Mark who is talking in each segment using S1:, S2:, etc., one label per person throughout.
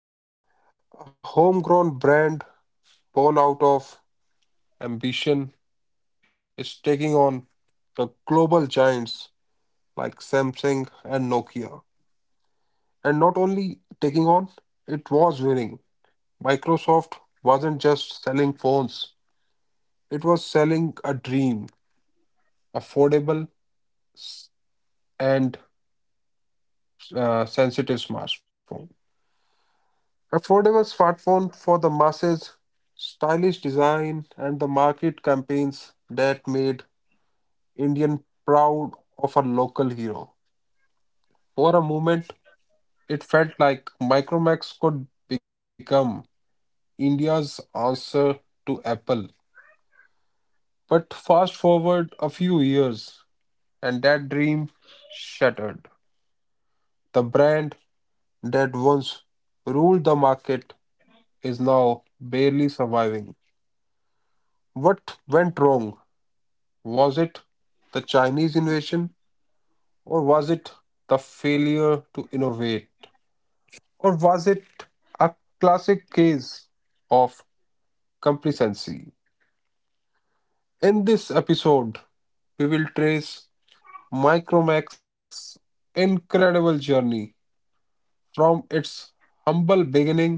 S1: logo. A homegrown brand born out of ambition is taking on the global giants like Samsung and Nokia. And not only taking on, it was winning. Microsoft wasn't just selling phones. It was selling a dream, affordable and sensitive smartphone. Affordable smartphone for the masses, stylish design, and the market campaigns that made Indian proud of a local hero. For a moment, it felt like Micromax could become India's answer to Apple. But fast forward a few years, and that dream shattered. The brand that once ruled the market is now barely surviving. What went wrong? Was it the Chinese invasion, or was it the failure to innovate, or was it a classic case of complacency? In this episode, we will trace Micromac's incredible journey from its humble beginning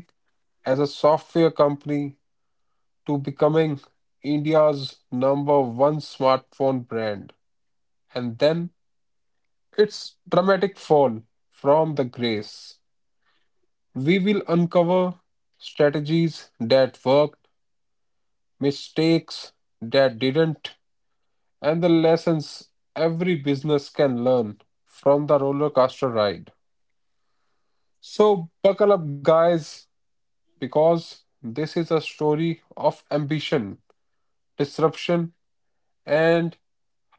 S1: as a software company to becoming India's number one smartphone brand. And then its dramatic fall from the grace. We will uncover strategies that worked, mistakes that didn't, and the lessons every business can learn from the roller coaster ride. So, buckle up, guys, because this is a story of ambition, disruption, and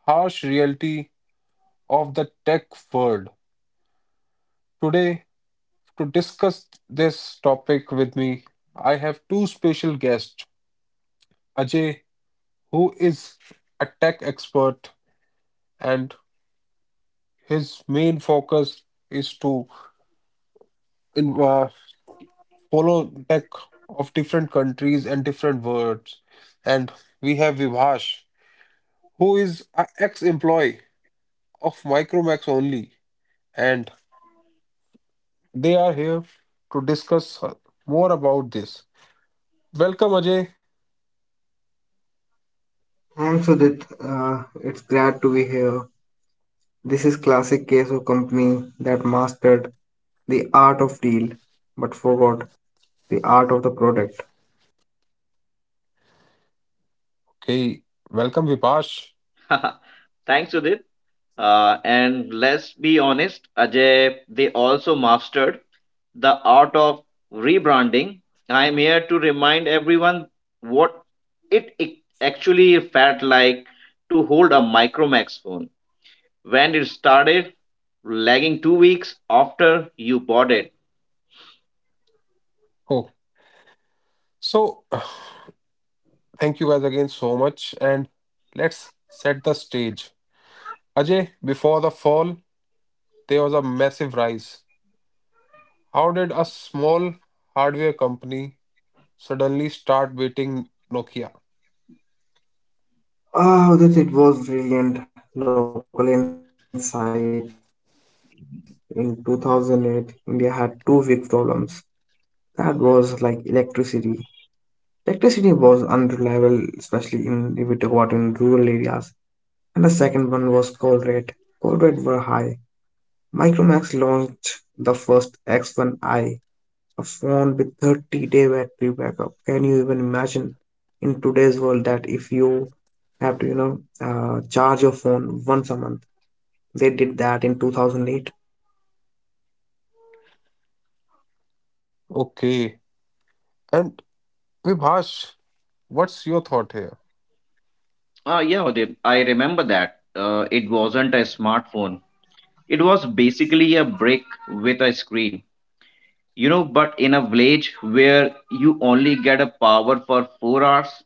S1: harsh reality of the tech world. Today, to discuss this topic with me, I have two special guests Ajay, who is a tech expert, and his main focus is to in- uh, follow tech of different countries and different worlds. And we have Vivash, who is an ex employee of Micromax only, and they are here to discuss more about this. Welcome, Ajay.
S2: Thanks, Udit. It's glad to be here. This is classic case of company that mastered the art of deal, but forgot the art of the product.
S1: Okay, welcome Vipash.
S3: Thanks, Udit. And let's be honest, Ajay, they also mastered the art of rebranding. I'm here to remind everyone what it actually felt like to hold a Micromax phone when it started lagging 2 weeks after you bought it.
S1: Oh, so thank you guys again so much, and let's set the stage. Ajay, before the fall, there was a massive rise. How did a small hardware company suddenly start beating Nokia?
S2: Ah, Udit, it was brilliant. Local insight. In 2008, India had two big problems. That was like electricity. Electricity was unreliable, especially in if we talk about in rural areas. And the second one was coal rate. Coal rate were high. Micromax launched the first X1i, a phone with 30-day battery backup. Can you even imagine in today's world that if you have to, charge your phone once a month? They did that in 2008.
S1: Okay, and Vipash, what's your thought here?
S3: Yeah, Udit, I remember that. It wasn't a smartphone. It was basically a brick with a screen. But in a village where you only get a power for 4 hours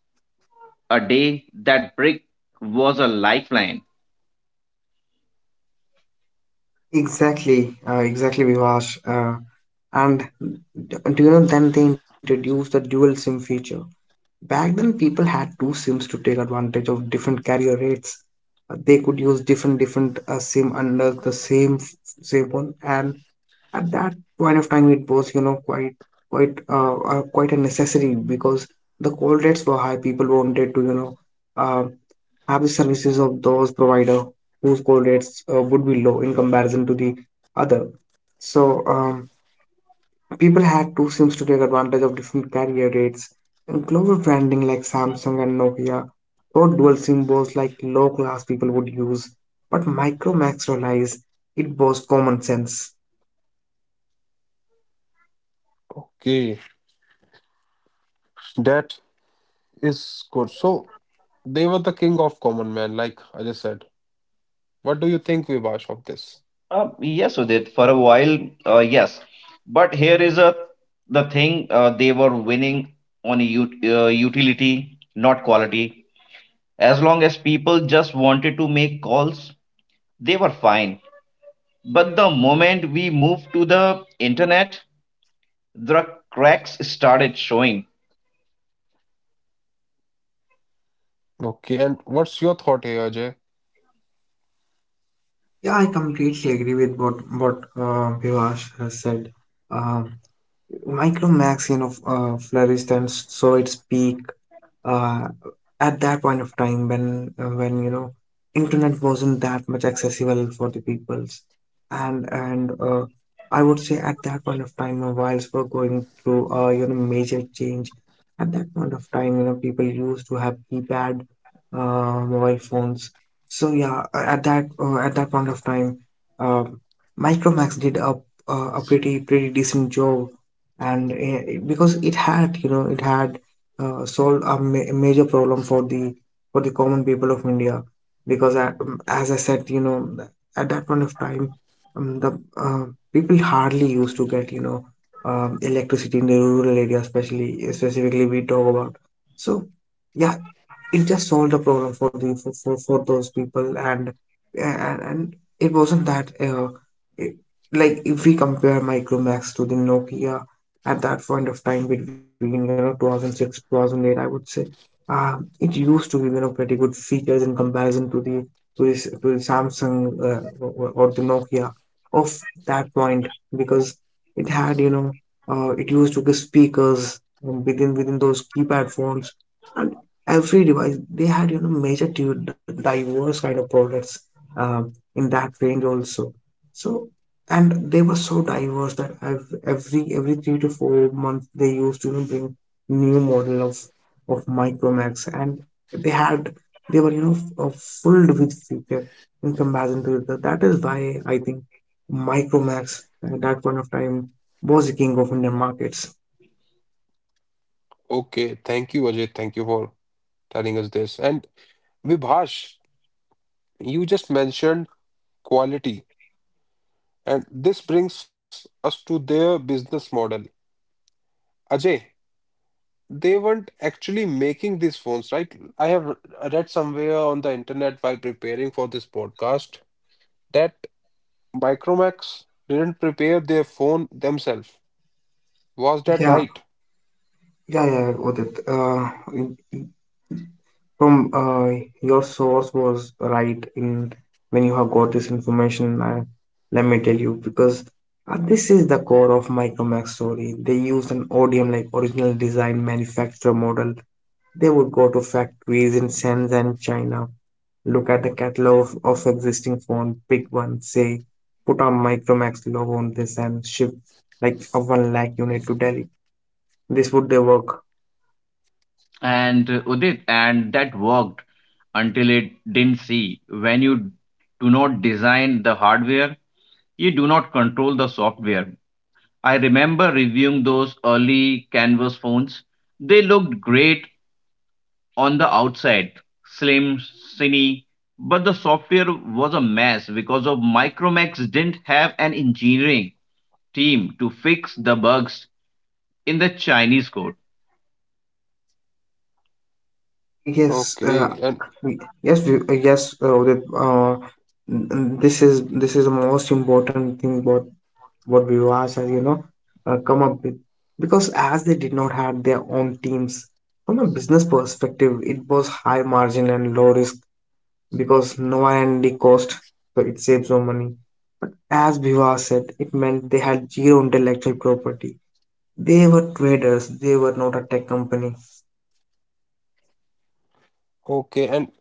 S3: a day, that brick was a lifeline.
S2: Exactly, exactly, Vivash. And do you know, then they introduced the dual SIM feature. Back then, people had two SIMs to take advantage of different carrier rates. They could use different SIM under the same one, and at that point of time, it was, quite a necessary because the call rates were high. People wanted to, uh, have the services of those provider whose call rates would be low in comparison to the other. So. People had two SIMs to take advantage of different carrier rates, and global branding like Samsung and Nokia taught dual SIM was like low class people would use, but Micromax realized it was common sense.
S1: Okay, that is good. So they were the king of common man, like Ajay said. What do you think, Vipash, of this?
S3: Yes, Udit, for a while, yes. But here is a the thing. They were winning on ut utility, not quality. As long as people just wanted to make calls, they were fine. But the moment we moved to the internet, the cracks started showing.
S1: Okay, and what's your thought here, Ajay?
S2: Yeah, I completely agree with what Vivash has said. Um Micromax, flourished and saw its peak uh, at that point of time when internet wasn't that much accessible for the peoples, and I would say at that point of time, mobiles were going through a, major change. At that point of time, people used to have keypad mobile phones. So yeah, at that point of time, um Micromax did a pretty decent job, and because it had solved a major problem for the common people of India. Because I, as I said, at that point of time, the people hardly used to get, electricity in the rural area, especially specifically we talk about. So yeah, it just solved the problem for the for those people, and it wasn't that, it, like if we compare Micromax to the Nokia at that point of time between, 2006 2008, I would say, it used to be, pretty good features in comparison to the to the, Samsung or the Nokia of that point because it had you know it used to give speakers within those keypad phones, and every device they had, major diverse kind of products uh, in that range also. So, and they were so diverse that every 3 to 4 months they used to, bring new model of Micromax, and they had they were, filled with feature in comparison to the, that is why I think Micromax at that point of time was the king of Indian markets.
S1: Okay, thank you, Ajay. Thank you for telling us this. And Vibhash, you just mentioned quality, and this brings us to their business model. Ajay, they weren't actually making these phones, right? I have read somewhere on the internet while preparing for this podcast that Micromax didn't prepare their phone themselves. Was that
S2: Yeah,
S1: right?
S2: yeah, yeah, Udit. From your source was right in when you have got this information, let me tell you. Because this is the core of Micromax story. They used an ODM, like original design manufacturer model. They would go to factories in Shenzhen, China, look at the catalog of existing phone, pick one, say, put a Micromax logo on this, and ship like a 1 lakh unit to Delhi. This would they work.
S3: And Udit, and that worked until it didn't, see? When you do not design the hardware, you do not control the software. I remember reviewing those early Canvas phones. They looked great on the outside, slim, skinny, but the software was a mess because of Micromax didn't have an engineering team to fix the bugs in the Chinese code.
S2: yes uh,
S1: Okay, and
S2: Yes, yes. Uh, this is the most important thing. What Vivas has, come up with. Because as they did not have their own teams, from a business perspective, it was high margin and low risk because no R&D cost, so it saves no money. But as Vivas said, it meant they had zero intellectual property. They were traders. They were not a tech company.
S1: okay, and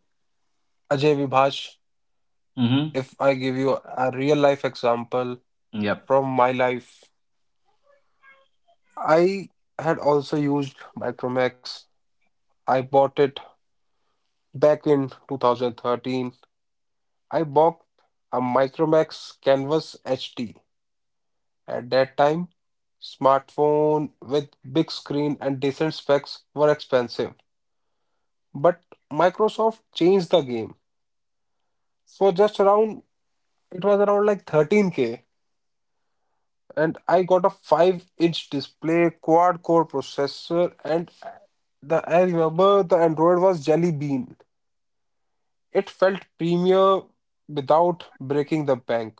S1: Ajay Vibhash,
S3: Mm-hmm.
S1: if I give you a real life example
S3: Yep.
S1: from my life. I had also used Micromax. I bought it back in 2013. I bought a Micromax Canvas HD. At that time, smartphone with big screen and decent specs were expensive. But Microsoft changed the game. So just around it was around like 13K, and I got a 5-inch display, quad-core processor, and the I remember the Android was Jelly Bean. It felt premier without breaking the bank.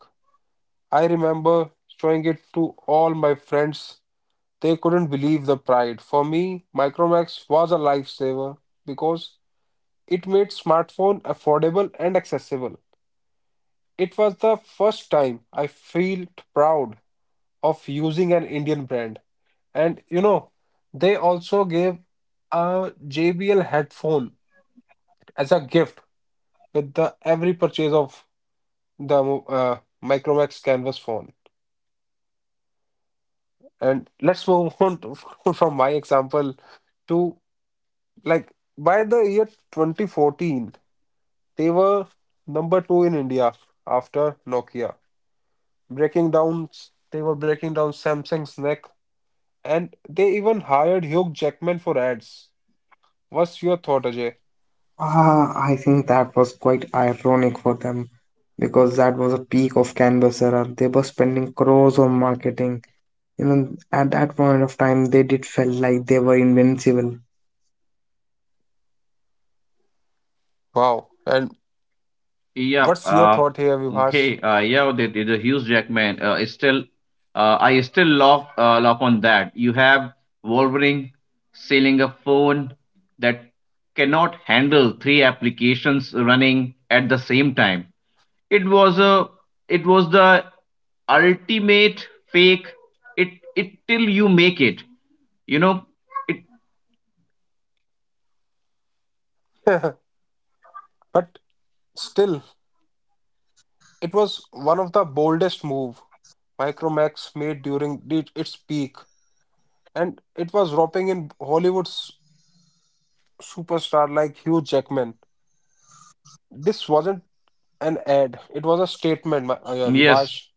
S1: I remember showing it to all my friends. They couldn't believe the pride. For me, Micromax was a lifesaver because it made smartphone affordable and accessible. It was the first time I felt proud of using an Indian brand. And you know, they also gave a JBL headphone as a gift with the every purchase of the Micromax Canvas phone. And let's move on to, from my example to, like, by the year 2014, they were number two in India after Nokia. Breaking down, they were breaking down Samsung's neck, and they even hired Hugh Jackman for ads. What's your thought, Ajay?
S2: Ah, I think that was quite ironic for them because that was a peak of Canvas era. They were spending crores on marketing. You know, at that point of time, they did felt like they were invincible.
S1: Wow. And
S3: Yeah.
S1: what's your
S3: Uh,
S1: thought here, Vibhash?
S3: okay. Uh, yeah. The Hugh Jackman. Is still, I still love love on that. You have Wolverine selling a phone that cannot handle three applications running at the same time. It was a. It was the ultimate fake. It, till you make it. You know. It.
S1: But still, it was one of the boldest move Micromax made during its peak, and it was roping in Hollywood's superstar like Hugh Jackman. This wasn't an ad; it was a statement, yeah,
S3: Yes.
S1: Vibhash.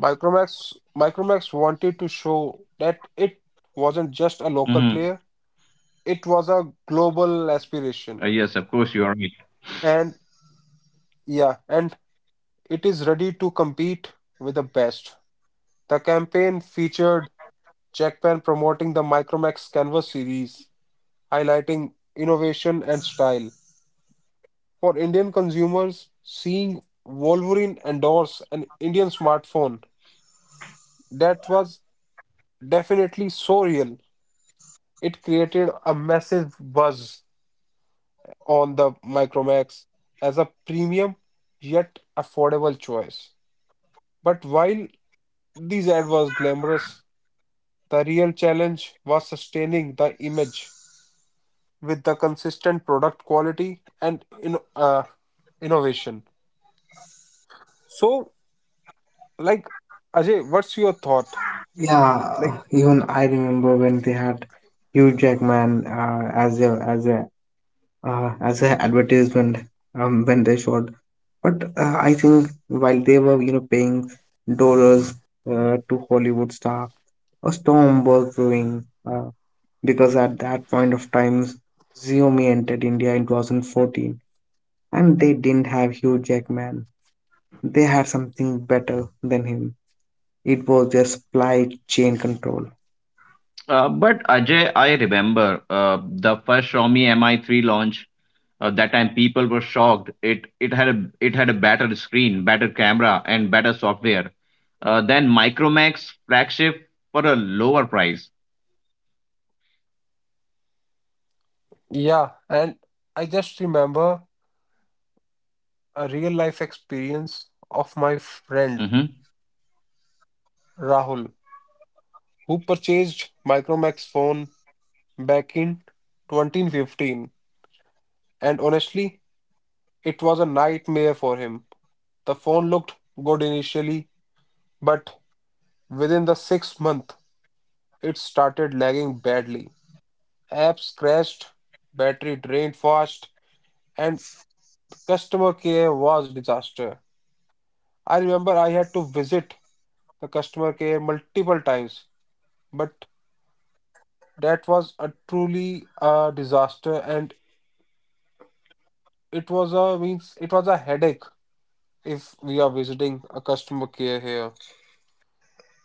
S1: Micromax wanted to show that it wasn't just a local
S3: Mm-hmm.
S1: player; it was a global aspiration.
S3: Yes. Of course, you are. Right.
S1: And yeah, and it is ready to compete with the best. The campaign featured Jackpan promoting the Micromax Canvas series, highlighting innovation and style. For Indian consumers, seeing Wolverine endorse an Indian smartphone that was definitely so real, it created a massive buzz on the Micromax as a premium yet affordable choice. But while this ad was glamorous, the real challenge was sustaining the image with the consistent product quality and innovation. So, like, Ajay, what's your thought? Like,
S2: Yeah, even I remember when they had Hugh Jackman as a advertisement, when they showed. But I think while they were, paying dollars to Hollywood star, a storm was brewing. Because at that point of time, Xiaomi entered India in 2014, and they didn't have Hugh Jackman. They had something better than him. It was their supply chain control.
S3: But Ajay, I remember the first Xiaomi Mi3 launch. That time people were shocked. It it had a better screen, better camera, and better software than Micromax flagship for a lower price.
S1: yeah, and I just remember a real life experience of my friend
S3: Hmm.
S1: Rahul, who purchased Micromax phone back in 2015. And honestly, it was a nightmare for him. The phone looked good initially, but within the sixth month, it started lagging badly. Apps crashed, battery drained fast, and customer care was disaster. I remember I had to visit the customer care multiple times, but that was a truly a disaster, and it was a means it was a headache if we are visiting a customer care here.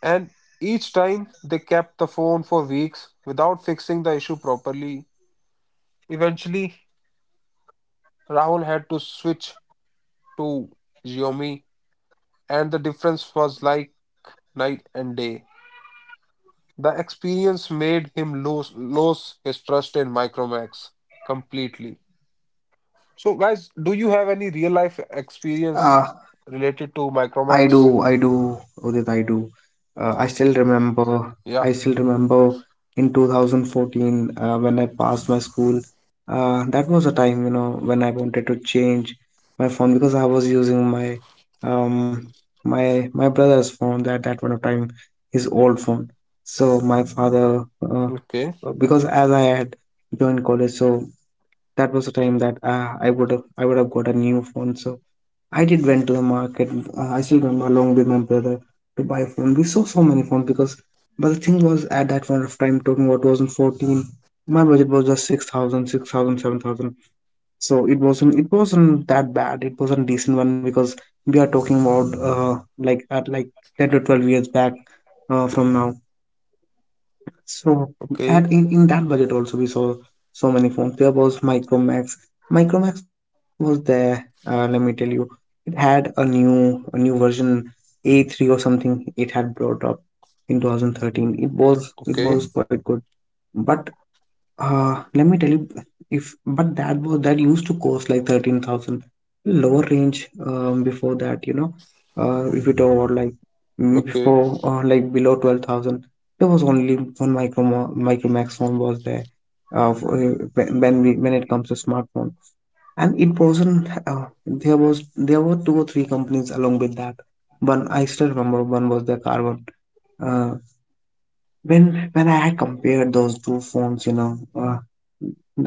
S1: And each time they kept the phone for weeks without fixing the issue properly. Eventually, Rahul had to switch to Xiaomi, and the difference was like night and day. The experience made him lose his trust in Micromax completely. So, guys, do you have any real life experience
S2: Uh,
S1: related to Micromax?
S2: I do, Udit, I do. Uh, I still remember,
S1: Yeah.
S2: I still remember in 2014 when I passed my school. That was a time, when I wanted to change my phone because I was using my um brother's phone, that one time his old phone. So my father,
S1: Okay.
S2: because as I had joined college, so that was the time that I would have got a new phone. So I did went to the market. I still remember, along with my brother, to buy a phone. We saw so many phones because, but the thing was at that point of time, talking about 2014, my budget was just 6,000, 6,000, 7,000. So it wasn't that bad. It was not decent one because we are talking about like 10 to 12 years back, from now. So at
S1: Okay.
S2: in, in that budget also, we saw so many phones. There was Micromax. Micromax was there. Let me tell you, it had a new version A3 or something. It had brought up in 2013. It
S1: Okay.
S2: was quite good. But let me tell you, if but that used to cost like 13,000 lower range, before that, you know. If you talk about like,
S1: Okay.
S2: before like below 12,000, there was only one micro max phone was there. When it comes to smartphone, and it wasn't there were two or three companies along with that. One I still remember, one was the Carbon. Uh, when I had compared those two phones,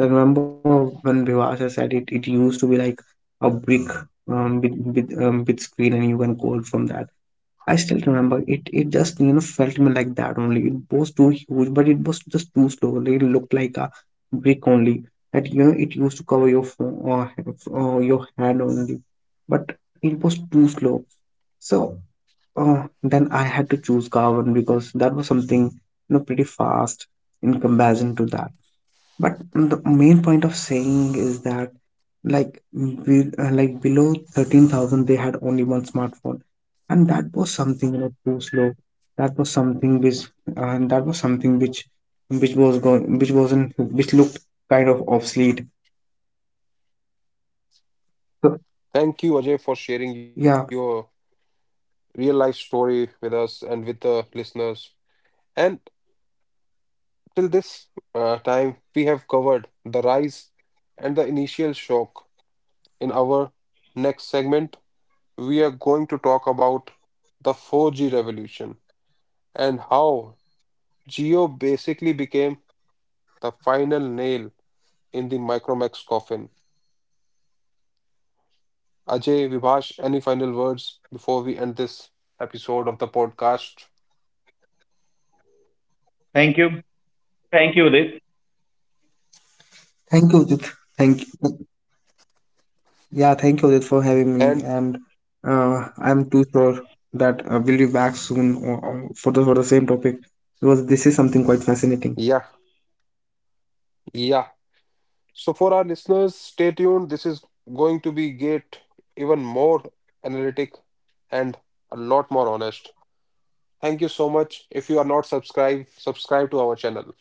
S2: I remember when Vivasa said it, it used to be like a brick, with screen, and you can code from that. I still remember it. It just, felt me like that only. It was too huge, but it was just too slow. It looked like a brick only. That, it used to cover your phone or your hand only, but it was too slow. So. Oh, then I had to choose Carbon because that was something, pretty fast in comparison to that. But the main point of saying is that, like, like below 13,000 they had only one smartphone, and that was something, too slow. That was something which, and that was something which was going, which wasn't, which looked kind of obsolete. So
S1: Thank you, Ajay, for sharing your
S2: yeah,
S1: real life story with us and with the listeners. And till this time, we have covered the rise and the initial shock. In our next segment, we are going to talk about the 4G revolution and how Geo basically became the final nail in the Micromax coffin. Ajay, Vibhash, any final words before we end this episode of the podcast?
S3: Thank you.
S2: thank you, Udit.
S3: Thank you,
S2: Thank
S3: Udit.
S2: Yeah, thank you, Udit, for having me, and I'm too sure
S1: And
S2: that we'll be back soon or for the same topic because this is something quite fascinating.
S1: yeah, yeah. So, for our listeners, stay tuned. This is going to be get even more analytic and a lot more honest. Thank you so much. If you are not subscribed, subscribe to our channel.